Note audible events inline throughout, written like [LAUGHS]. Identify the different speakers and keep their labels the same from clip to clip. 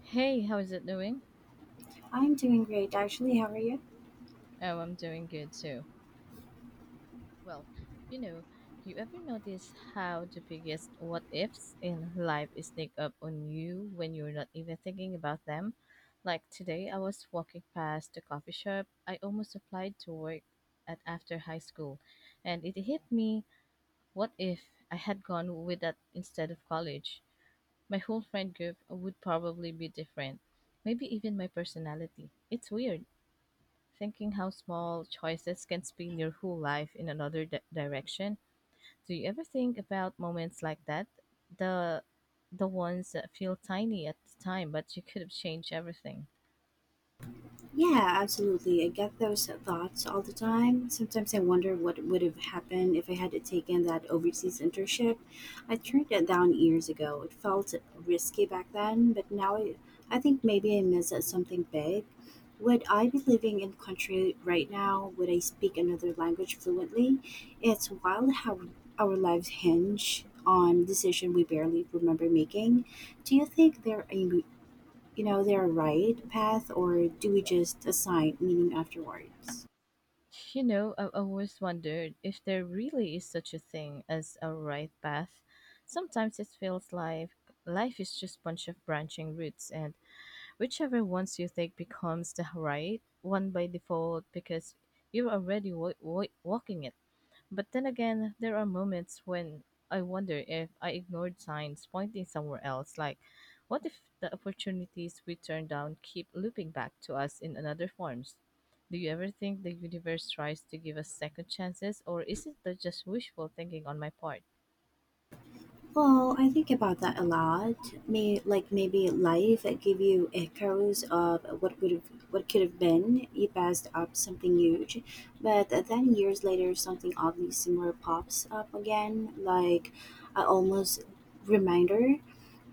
Speaker 1: Hey, how is it doing?
Speaker 2: I'm doing great, actually. How are you?
Speaker 1: Oh, I'm doing good too. Well, you know, you ever notice how the biggest what ifs in life sneak up on you when you're not even thinking about them? Like today, I was walking past the coffee shop I almost applied to work at after high school, and it hit me, what if I had gone with that instead of college? My whole friend group would probably be different, maybe even my personality. It's weird thinking how small choices can spin your whole life in another direction. Do you ever think about moments like that? The the ones that feel tiny at the time, but you could have changed everything.
Speaker 2: Yeah, absolutely. I get those thoughts all the time. Sometimes I wonder what would have happened if I had taken that overseas internship. I turned it down years ago. It felt risky back then, but now I think maybe I missed out something big. Would I be living in country right now? Would I speak another language fluently? It's wild how our lives hinge on decision we barely remember making. Do you think there are their right path, or do we just assign meaning afterwards?
Speaker 1: [LAUGHS] You know, I have always wondered if there really is such a thing as a right path. Sometimes it feels like life is just a bunch of branching routes, and whichever ones you take becomes the right one by default because you're already walking it. But then again, there are moments when I wonder if I ignored signs pointing somewhere else. Like, what if the opportunities we turn down keep looping back to us in another forms? Do you ever think the universe tries to give us second chances, or is it the just wishful thinking on my part?
Speaker 2: Well, I think about that a lot. Maybe life give you echoes of what could have been. You passed up something huge, but then years later, something oddly similar pops up again, like a almost reminder.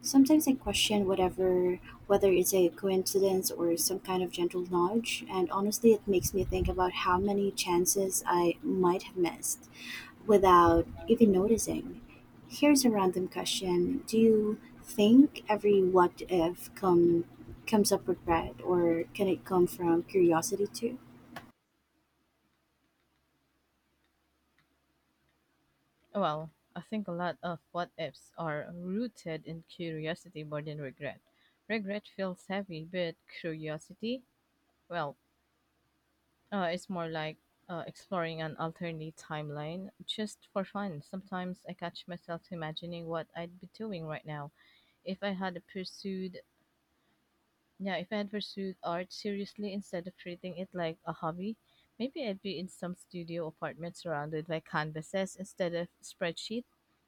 Speaker 2: Sometimes I question whether it's a coincidence or some kind of gentle nudge, and honestly, it makes me think about how many chances I might have missed without even noticing. Here's a random question. Do you think every what if comes up with pride or can it come from curiosity too?
Speaker 1: Well, I think a lot of what ifs are rooted in curiosity more than regret. Regret feels heavy, but curiosity, well, it's more like exploring an alternate timeline just for fun. Sometimes I catch myself imagining what I'd be doing right now if I had if I had pursued art seriously instead of treating it like a hobby. Maybe I'd be in some studio apartment surrounded by canvases instead of spreadsheet,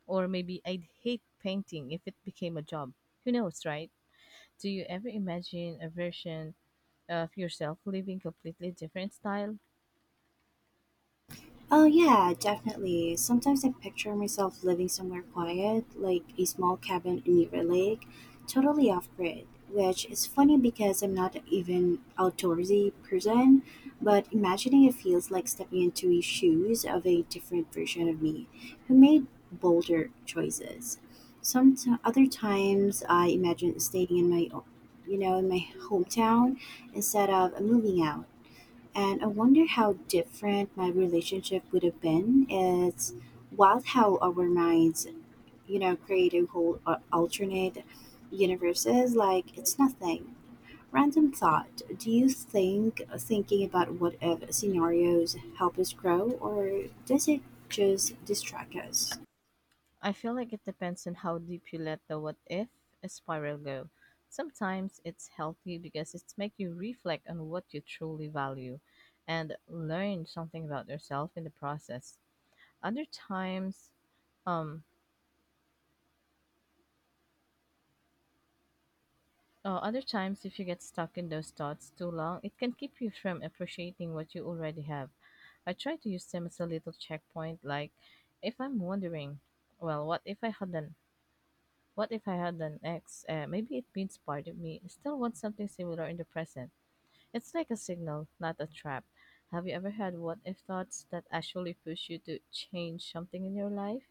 Speaker 1: or maybe I'd hate painting if it became a job. Who knows, right? Do you ever imagine a version of yourself living completely different style?
Speaker 2: Oh, yeah, definitely. Sometimes I picture myself living somewhere quiet, like a small cabin near a lake, totally off grid, which is funny because I'm not even outdoorsy person, but imagining it feels like stepping into the shoes of a different version of me who made bolder choices. Other times I imagine staying in my, o- you know, in my hometown instead of moving out and I wonder how different my relationship would have been. It's wild how our minds, you know, create a whole alternate universes like it's nothing. Random thought. Do you think thinking about what if scenarios help us grow, or does it just distract us?
Speaker 1: I feel like it depends on how deep you let the what if spiral go. Sometimes it's healthy because it's make you reflect on what you truly value and learn something about yourself in the process. Other times, um other times if you get stuck in those thoughts too long, it can keep you from appreciating what you already have. I try to use them as a little checkpoint like if I'm wondering, well, what if I had an ex? Maybe it means part of me still wants something similar in the present. It's like a signal, not a trap. Have you ever had what if thoughts that actually push you to change something in your life?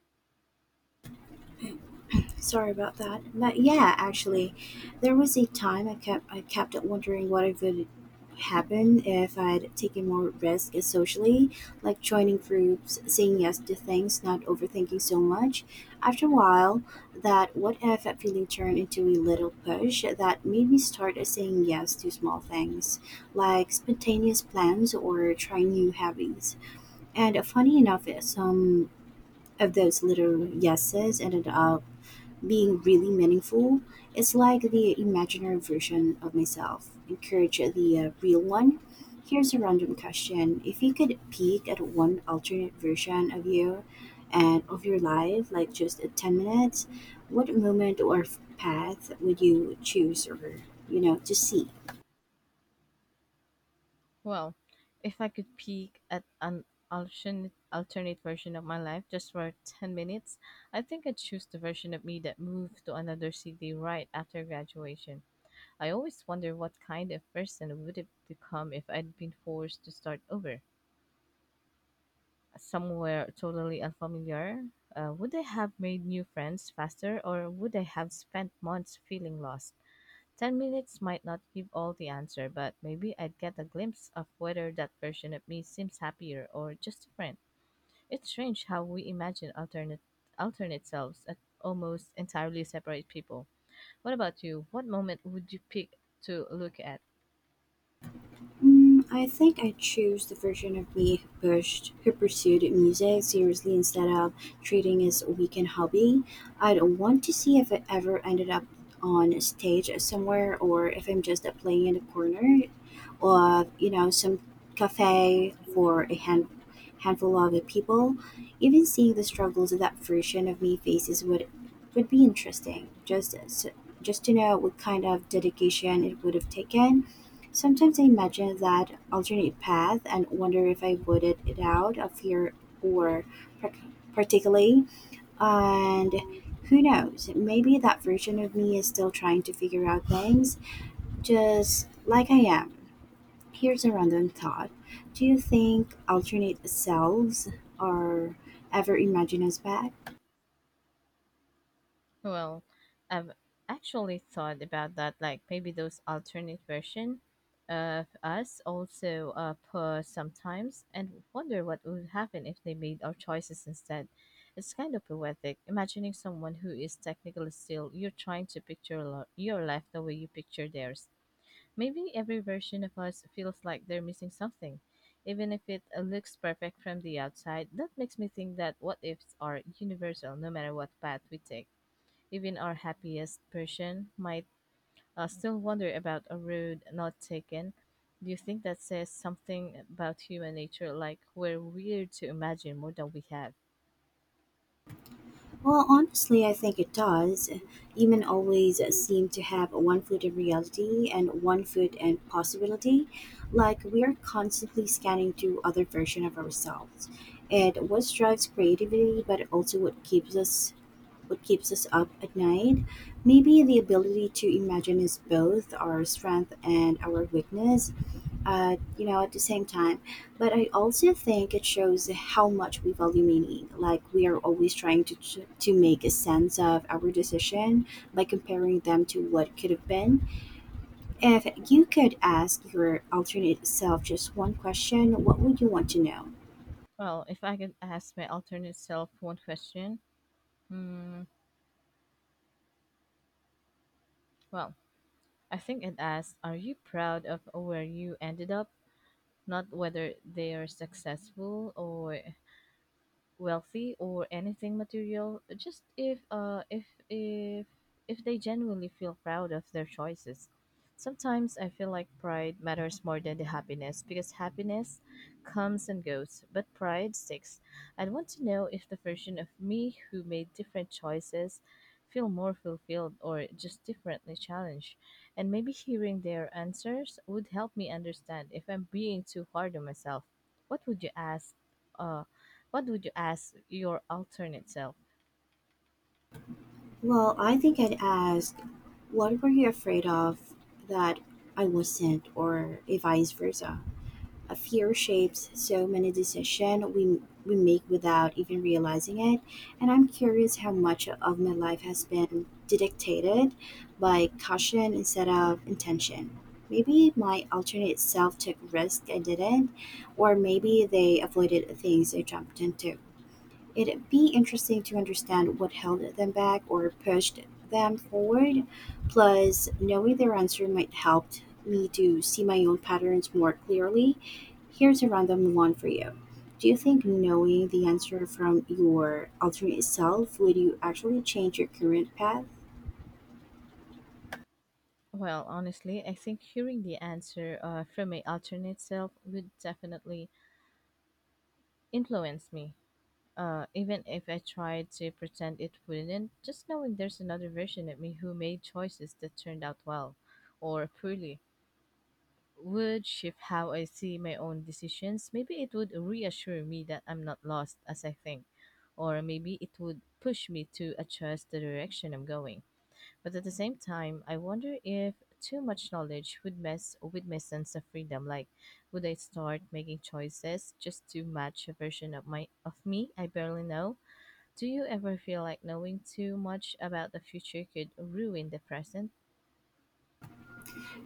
Speaker 2: Sorry about that. But yeah, actually, there was a time I kept wondering what it would happen if I'd taken more risk socially, like joining groups, saying yes to things, not overthinking so much. After a while, that what if feeling turned into a little push that made me start saying yes to small things, like spontaneous plans or trying new hobbies. And funny enough, some of those little yeses ended up being really meaningful. It's like the imaginary version of myself. Encourage the real one. Here's a random question. If you could peek at one alternate version of you and of your life, like just 10 minutes, what moment or path would you choose or, to see?
Speaker 1: Well, if I could peek at an alternate version of my life just for 10 minutes, I think I'd choose the version of me that moved to another city right after graduation. I always wonder what kind of person I would have become if I'd been forced to start over somewhere totally unfamiliar. Uh, would I have made new friends faster or would I have spent months feeling lost? 10 minutes might not give all the answer, but maybe I'd get a glimpse of whether that version of me seems happier or just different. It's strange how we imagine alternate selves at almost entirely separate people. What about you? What moment would you pick to look at?
Speaker 2: Mm, I think I choose the version of me who pursued music seriously instead of treating it as a weekend hobby. I'd want to see if I ever ended up on a stage somewhere or if I'm just playing in a corner or, you know, some cafe for a handful of people. Even seeing the struggles that version of me faces would be interesting. Just to know what kind of dedication it would have taken. Sometimes I imagine that alternate path and wonder if I would it out of fear or par- particularly. And who knows, maybe that version of me is still trying to figure out things just like I am. Here's a random thought. Do you think alternate selves are ever imagine us back?
Speaker 1: Well, I've actually thought about that. Like maybe those alternate version of us also pause sometimes and wonder what would happen if they made our choices instead. It's kind of poetic, imagining someone who is technically still you're trying to picture your life the way you picture theirs. Maybe every version of us feels like they're missing something. Even if it looks perfect from the outside, that makes me think that what ifs are universal no matter what path we take. Even our happiest person might still wonder about a road not taken. Do you think that says something about human nature, like we're weird to imagine more than we have?
Speaker 2: Well, honestly, I think it does. Women always seem to have one foot in reality and one foot in possibility. Like we are constantly scanning to other version of ourselves. And what drives creativity, but also what keeps us up at night. Maybe the ability to imagine is both our strength and our weakness, at the same time. But I also think it shows how much we value meaning. Like we are always trying to make a sense of our decision by comparing them to what could have been. If you could ask your alternate self just one question, what would you want to know?
Speaker 1: Well, if I could ask my alternate self one question, hmm, well, I think it asks, are you proud of where you ended up? Not whether they are successful or wealthy or anything material, just if if they genuinely feel proud of their choices. Sometimes I feel like pride matters more than the happiness, because happiness comes and goes but pride sticks. I'd want to know if the version of me who made different choices feel more fulfilled or just differently challenged, and maybe hearing their answers would help me understand if I'm being too hard on myself. What would you ask uh, what would you ask your alternate self?
Speaker 2: Well, I think I'd ask, what were you afraid of that I wasn't, or if vice versa? A fear shapes so many decisions we make without even realizing it, and I'm curious how much of my life has been dictated by caution instead of intention. Maybe my alternate self took risks I didn't, or maybe they avoided things I jumped into. It'd be interesting to understand what held them back or pushed them forward. Plus, knowing their answer might help me to see my own patterns more clearly. Here's a random one for you. Do you think knowing the answer from your alternate self would you actually change your current path?
Speaker 1: Well, honestly, I think hearing the answer from my alternate self would definitely influence me. Even if I tried to pretend it wouldn't, just knowing there's another version of me who made choices that turned out well or poorly would shift how I see my own decisions. Maybe it would reassure me that I'm not lost as I think, or maybe it would push me to adjust the direction I'm going. But at the same time, I wonder if too much knowledge would mess with my sense of freedom. Like, would I start making choices just to match a version of my of me I barely know? Do you ever feel like knowing too much about the future could ruin the present?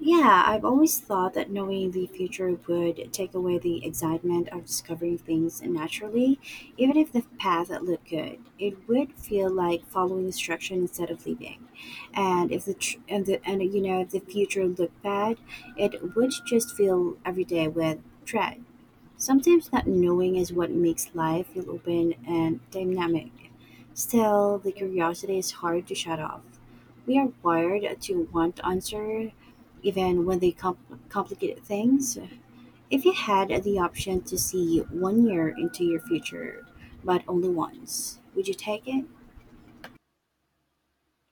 Speaker 2: Yeah, I've always thought that knowing the future would take away the excitement of discovering things naturally. Even if the path looked good, it would feel like following instruction instead of leaving. And if the tr- and the and you know if the future looked bad, it would just fill every day with dread. Sometimes not knowing is what makes life feel open and dynamic. Still, the curiosity is hard to shut off. We are wired to want answers, even when they complicate things. If you had the option to see one year into your future, but only once, would you take it?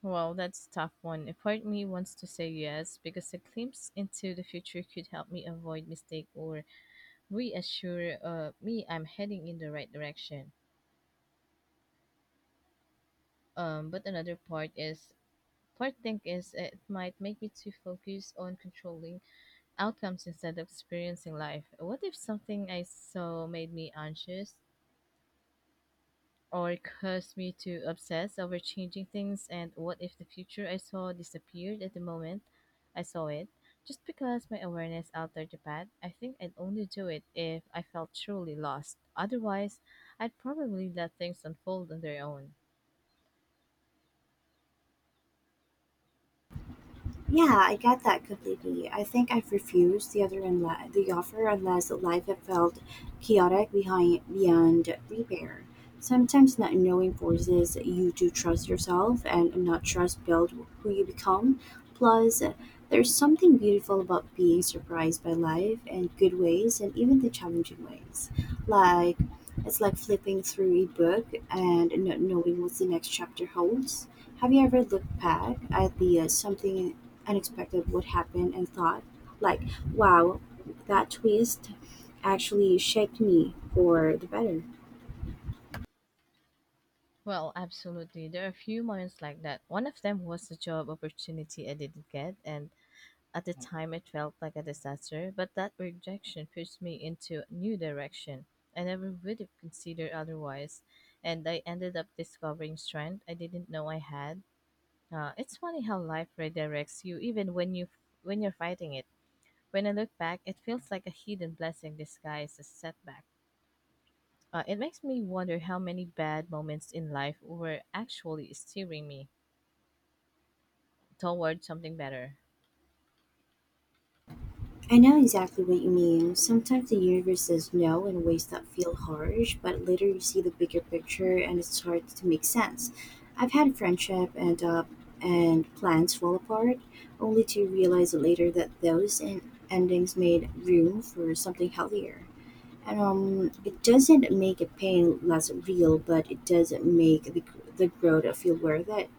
Speaker 1: Well, that's a tough one. A part of me wants to say yes because a glimpse into the future could help me avoid mistake or reassure me I'm heading in the right direction. But another part is, first thing is it might make me too focused on controlling outcomes instead of experiencing life. What if something I saw made me anxious or caused me to obsess over changing things? And what if the future I saw disappeared at the moment I saw it? Just because my awareness altered the path, I think I'd only do it if I felt truly lost. Otherwise, I'd probably let things unfold on their own.
Speaker 2: Yeah, I get that completely. I think I've refused the offer unless life had felt chaotic behind beyond repair. Sometimes not knowing forces you to trust yourself, and not trust build who you become. Plus, there's something beautiful about being surprised by life in good ways and even the challenging ways. Like it's like flipping through a book and not knowing what the next chapter holds. Have you ever looked back at the something unexpected would happen and thought, like, wow, that twist actually shaped me for the better?
Speaker 1: Well, absolutely. There are a few moments like that. One of them was a job opportunity I didn't get, and at the time it felt like a disaster, but that rejection pushed me into a new direction I never would have considered otherwise, and I ended up discovering strength I didn't know I had. It's funny how life redirects you even when you're fighting it. When I look back, it feels like a hidden blessing disguised as setback. It makes me wonder how many bad moments in life were actually steering me toward something better.
Speaker 2: I know exactly what you mean. Sometimes the universe says no in ways that feel harsh, but later you see the bigger picture and it starts to make sense. I've had friendship and plans fall apart, only to realize later that those endings made room for something healthier. And it doesn't make a pain less real, but it does make the growth feel worth it.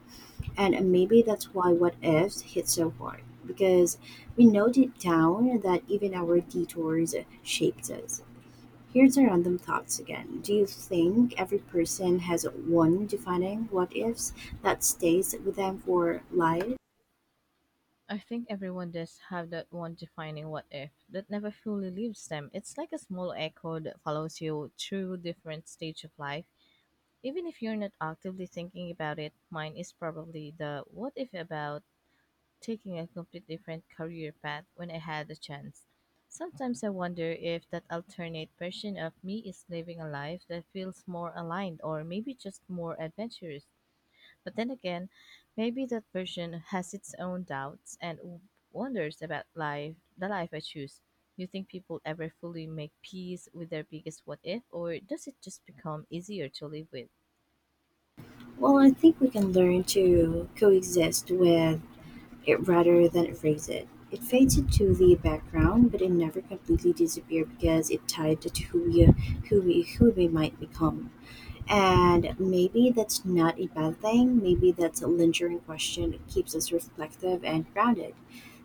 Speaker 2: And maybe that's why what ifs hit so hard, because we know deep down that even our detours shaped us. Here's our random thoughts again. Do you think every person has one defining what ifs that stays with them for life?
Speaker 1: I think everyone does have that one defining what if that never fully leaves them. It's like a small echo that follows you through different stage of life. Even if you're not actively thinking about it, mine is probably the what if about taking a complete different career path when I had the chance. Sometimes I wonder if that alternate version of me is living a life that feels more aligned or maybe just more adventurous. But then again, maybe that version has its own doubts and wonders about life, the life I choose. Do you think people ever fully make peace with their biggest what if, or does it just become easier to live with?
Speaker 2: Well, I think we can learn to coexist with it rather than erase it. It fades into the background, but it never completely disappears because it tied to who we might become. And maybe that's not a bad thing. Maybe that's a lingering question that keeps us reflective and grounded.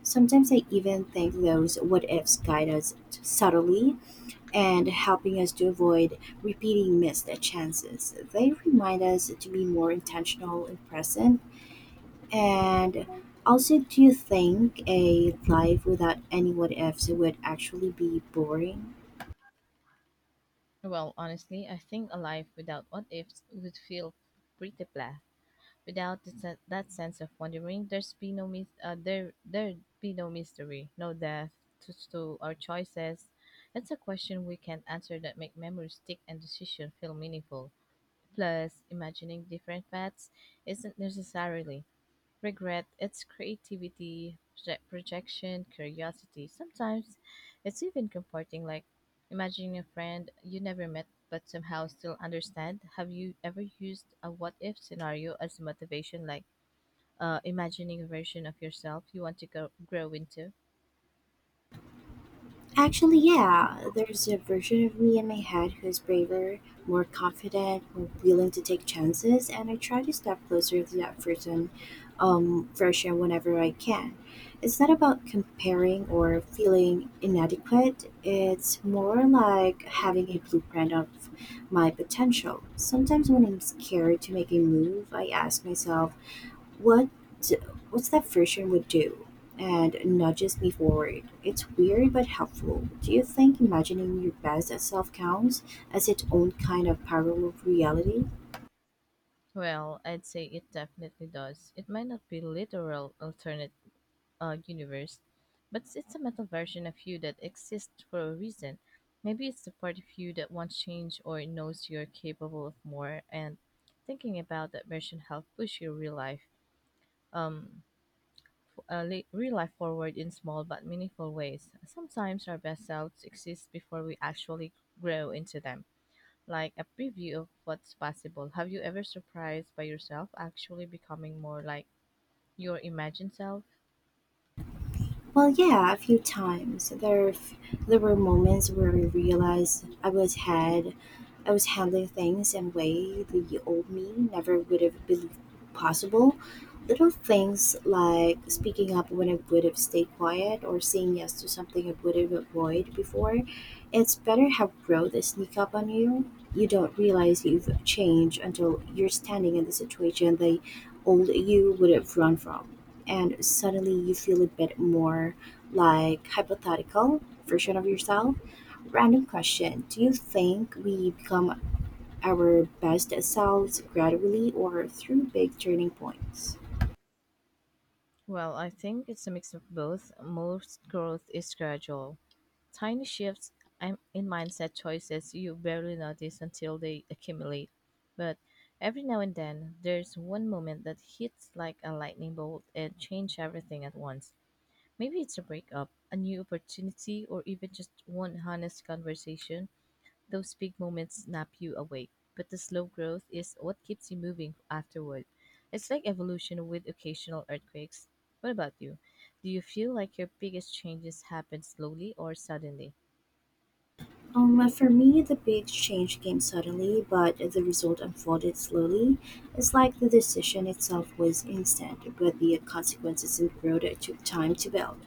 Speaker 2: Sometimes I even think those what ifs guide us subtly and helping us to avoid repeating missed chances. They remind us to be more intentional and present. And also, do you think a life without any what ifs would actually be boring?
Speaker 1: Well, honestly, I think a life without what ifs would feel pretty blah. Without the, that sense of wondering, there there'd be no mystery, no depth to our choices. That's a question we can't answer that make memories stick and decision feel meaningful. Plus, imagining different paths isn't necessarily regret, it's creativity, projection, curiosity. Sometimes it's even comforting, like imagining a friend you never met but somehow still understand. Have you ever used a what if scenario as motivation, like imagining a version of yourself you want to grow into?
Speaker 2: Actually, yeah, there's a version of me in my head who's braver, more confident, more willing to take chances, and I try to step closer to that person, version whenever I can. It's not about comparing or feeling inadequate. It's more like having a blueprint of my potential. Sometimes when I'm scared to make a move, I ask myself, what what's that version would do and nudges me forward. It's weird but helpful. Do you think imagining your best self counts as its own kind of parallel reality?
Speaker 1: Well, I'd say it definitely does. It might not be literal alternate universe, but it's a metal version of you that exists for a reason. Maybe it's the part of you that wants change or knows you're capable of more, and thinking about that version helps push your real life, um, real life forward in small but meaningful ways. Sometimes our best selves exist before we actually grow into them, like a preview of what's possible. Have you ever surprised by yourself actually becoming more like your imagined self?
Speaker 2: Well, yeah, a few times. There were moments where I realized I was handling things in a way the old me never would have believed possible. Little things like speaking up when I would have stayed quiet or saying yes to something I would have avoided before. It's better how growth sneak up on you. You don't realize you've changed until you're standing in the situation the old you would have run from and suddenly you feel a bit more like hypothetical version of yourself. Random question. Do you think we become our best selves gradually or through big turning points?
Speaker 1: Well, I think it's a mix of both. Most growth is gradual. Tiny shifts in mindset choices you barely notice until they accumulate. But every now and then, there's one moment that hits like a lightning bolt and changes everything at once. Maybe it's a breakup, a new opportunity, or even just one honest conversation, those big moments snap you awake, but the slow growth is what keeps you moving afterward. It's like evolution with occasional earthquakes. What about you? Do you feel like your biggest changes happen slowly or suddenly?
Speaker 2: For me, the big change came suddenly, but the result unfolded slowly. It's like the decision itself was instant, but the consequences and growth took time to build.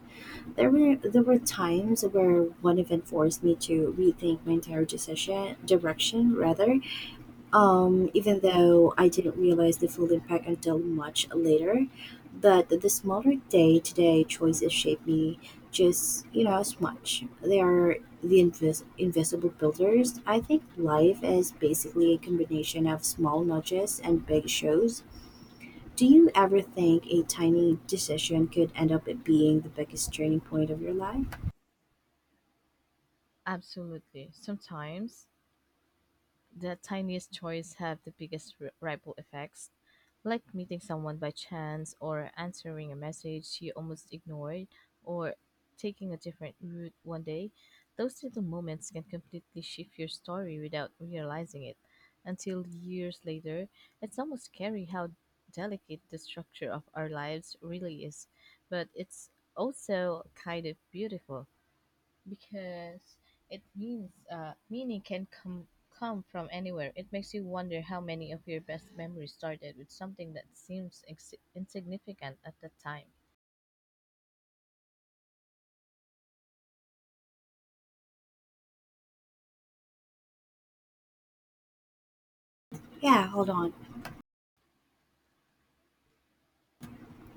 Speaker 2: There were times where one event forced me to rethink my entire decision direction rather. Even though I didn't realize the full impact until much later, but the smaller day to day choices shape me just as much. They are the invisible builders. I think life is basically a combination of small nudges and big shows. Do you ever think a tiny decision could end up being the biggest turning point of your life?
Speaker 1: Absolutely. Sometimes the tiniest joys have the biggest ripple effects, like meeting someone by chance, or answering a message you almost ignored, or taking a different route one day. Those little moments can completely shift your story without realizing it. Until years later, it's almost scary how delicate the structure of our lives really is, but it's also kind of beautiful because it means meaning can come from anywhere. It makes you wonder how many of your best memories started with something that seems insignificant at the time.
Speaker 2: Yeah, hold on.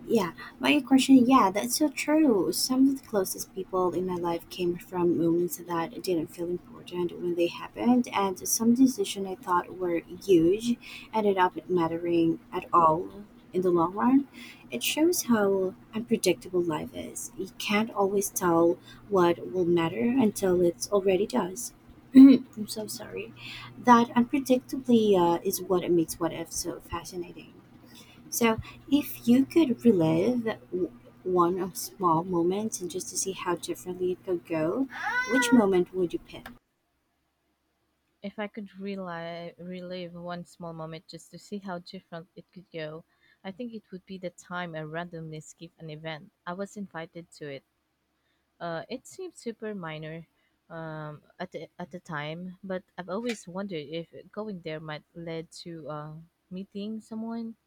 Speaker 2: Yeah, my question. Yeah, that's so true. Some of the closest people in my life came from moments that didn't feel important when they happened, and some decisions I thought were huge ended up mattering at all in the long run. It shows how unpredictable life is. You can't always tell what will matter until it already does. I'm so sorry. That unpredictably is what makes what if so fascinating. So, if you could relive w- one of small moments and just to see how differently it could go, which moment would you pick?
Speaker 1: If I could relive one small moment just to see how different it could go, I think it would be the time I randomly skipped an event. I was invited to it. It seemed super minor at the time, but I've always wondered if going there might lead to meeting someone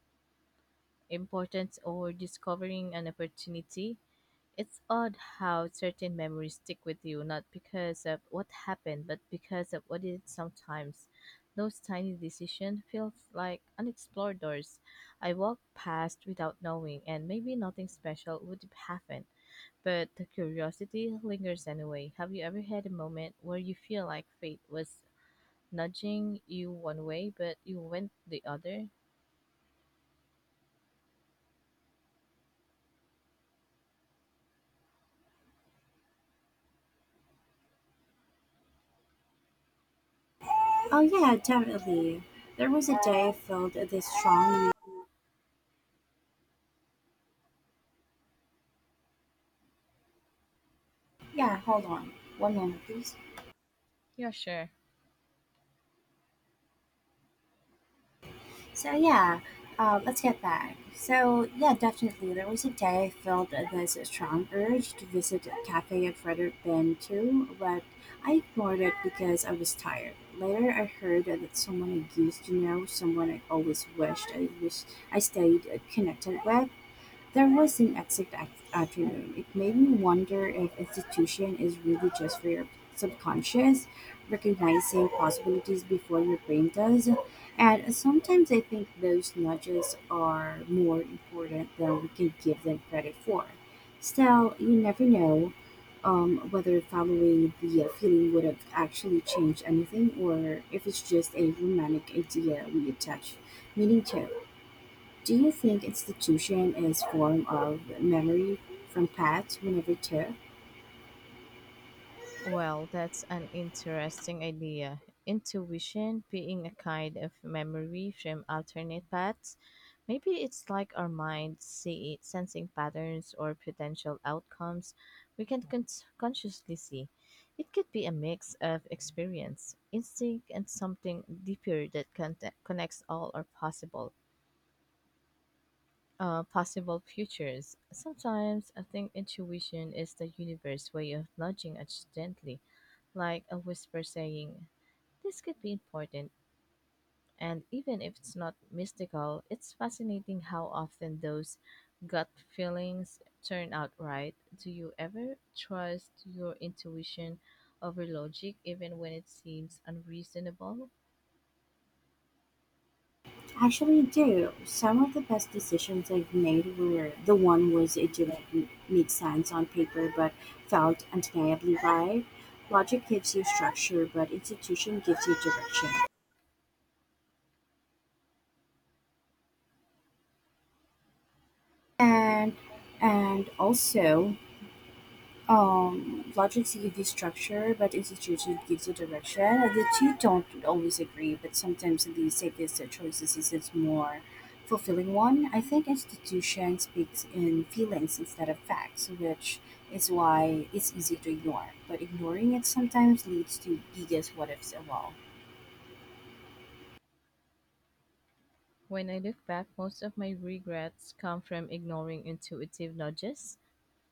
Speaker 1: importance or discovering an opportunity. It's odd how certain memories stick with you, not because of what happened, but because of what it sometimes. Those tiny decisions feel like unexplored doors. I walked past without knowing, and maybe nothing special would happen, but the curiosity lingers anyway. Have you ever had a moment where you feel like fate was nudging you one way, but you went the other?
Speaker 2: Oh yeah, definitely. There was a day I felt this strong. Yeah, hold on, one moment, please.
Speaker 1: Yeah, sure.
Speaker 2: So yeah, let's get back. So yeah, definitely. There was a day I felt this strong urge to visit a cafe I'd rather been to, but I ignored it because I was tired. Later, I heard that someone I used to know, someone I always wished I stayed connected with, there was an afternoon. It made me wonder if institution is really just for your subconscious, recognizing possibilities before your brain does. And sometimes I think those nudges are more important than we can give them credit for. Still, you never know whether following the feeling would have actually changed anything, or if it's just a romantic idea we attach meaning to. Do you think institution is form of memory from past whenever too?
Speaker 1: Well, that's an interesting idea. Intuition being a kind of memory from alternate paths. Maybe it's like our minds see it, sensing patterns or potential outcomes we can consciously see. It could be a mix of experience, instinct, and something deeper that connects all our possible possible futures. Sometimes I think intuition is the universe way of nudging us gently like a whisper saying, this could be important. And even if it's not mystical, it's fascinating how often those gut feelings turn out right. Do you ever trust your intuition over logic, even when it seems unreasonable?
Speaker 2: Actually do. Some of the best decisions I've made were the one was it didn't make sense on paper but felt undeniably right. Logic gives you structure but institution gives you direction. And and also. Logic gives you structure, but institution gives you direction. And the two don't always agree, but sometimes the safest choices is the more fulfilling one. I think institution speaks in feelings instead of facts, which is why it's easy to ignore. But ignoring it sometimes leads to biggest what ifs of all.
Speaker 1: When I look back, most of my regrets come from ignoring intuitive nudges,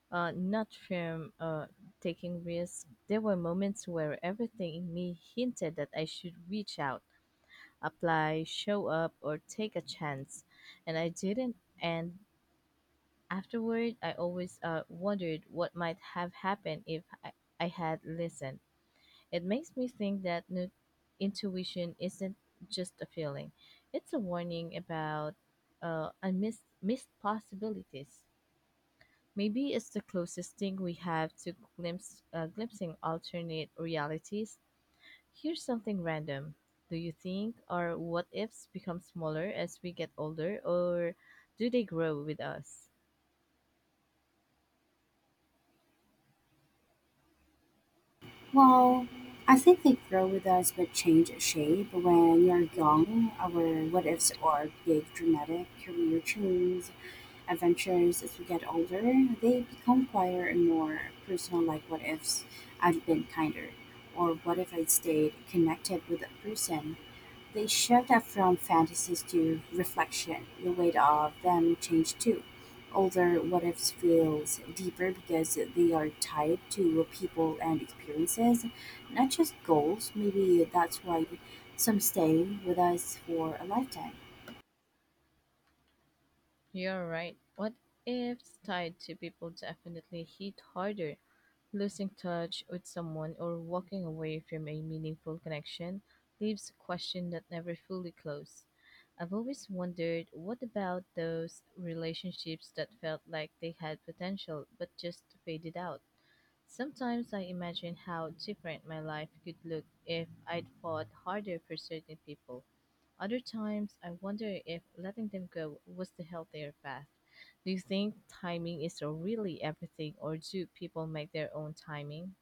Speaker 1: not from taking risks. There were moments where everything in me hinted that I should reach out, apply, show up, or take a chance. And I didn't. And afterward, I always wondered what might have happened if I, I had listened. It makes me think that intuition isn't just a feeling, it's a warning about unmissed missed possibilities. Maybe it's the closest thing we have to glimpsing alternate realities. Here's something random. Do you think our what ifs become smaller as we get older, or do they grow with us?
Speaker 2: Well, I think they grow with us but change shape. When you're young, our what ifs are big, dramatic career change adventures. As we get older, they become quieter and more personal, like what if I'd been kinder, or what if I'd stayed connected with that person. They shift up from fantasies to reflection. The weight of them change too. Older what ifs feels deeper because they are tied to people and experiences, not just goals. Maybe that's why some stay with us for a lifetime.
Speaker 1: You're right. What ifs tied to people definitely hit harder. Losing touch with someone or walking away from a meaningful connection leaves a question that never fully closed. I've always wondered what about those relationships that felt like they had potential but just faded out? Sometimes I imagine how different my life could look if I'd fought harder for certain people. Other times, I wonder if letting them go was the healthier path. Do you think timing is really everything, or do people make their own timing?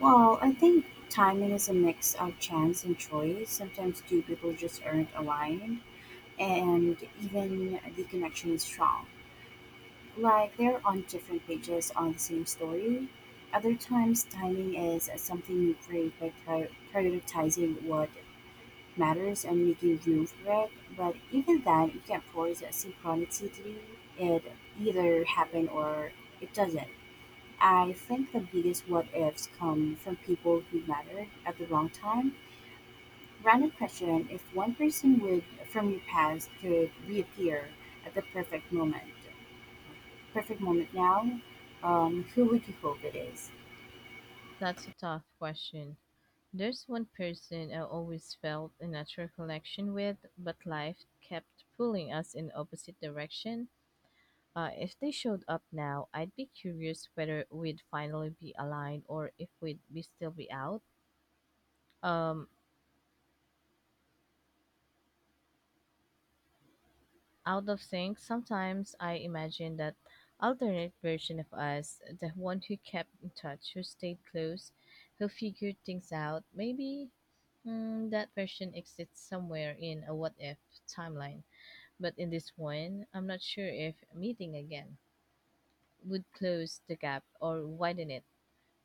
Speaker 2: Well, I think timing is a mix of chance and choice. Sometimes two people just aren't aligned, and even the connection is strong. Like they're on different pages on the same story. Other times, timing is something you create by prioritizing what matters and making room for it. But even then, you can't force a synchronicity. It either happen or it doesn't. I think the biggest what ifs come from people who matter at the wrong time. Random question, if one person would from your past could reappear at the perfect moment now, who would you hope it is?
Speaker 1: That's a tough question. There's one person I always felt a natural connection with, but life kept pulling us in opposite direction. If they showed up now, I'd be curious whether we'd finally be aligned or if we'd be still be out. Um, Out of sync, sometimes I imagine that alternate version of us, the one who kept in touch, who stayed close, who figured things out, maybe that version exists somewhere in a what if timeline. But in this one, I'm not sure if meeting again would close the gap or widen it.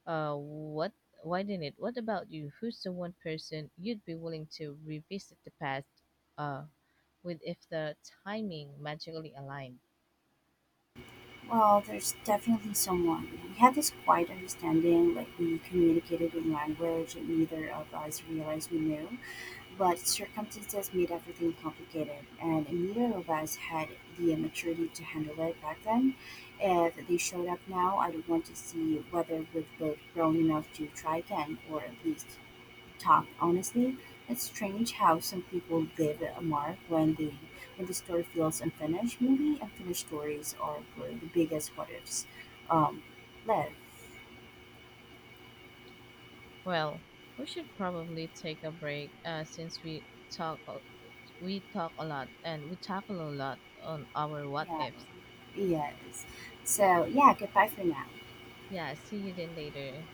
Speaker 1: What? Why didn't it? What about you? Who's the one person you'd be willing to revisit the past uh, with if the timing magically aligned?
Speaker 2: Well, there's definitely someone. We had this quiet understanding, like we communicated in language and neither of us realized we knew. But circumstances made everything complicated, and neither of us had the maturity to handle it back then. If they showed up now, I'd want to see whether we've both grown enough to try again, or at least talk honestly. It's strange how some people leave a mark when they when the story feels unfinished. Maybe unfinished stories are where the biggest what ifs um, live.
Speaker 1: Well, we should probably take a break since we talk a- we talk a lot and we tackle a lot on our what ifs.
Speaker 2: Yeah, yes. So yeah, goodbye for now.
Speaker 1: Yeah, see you then later.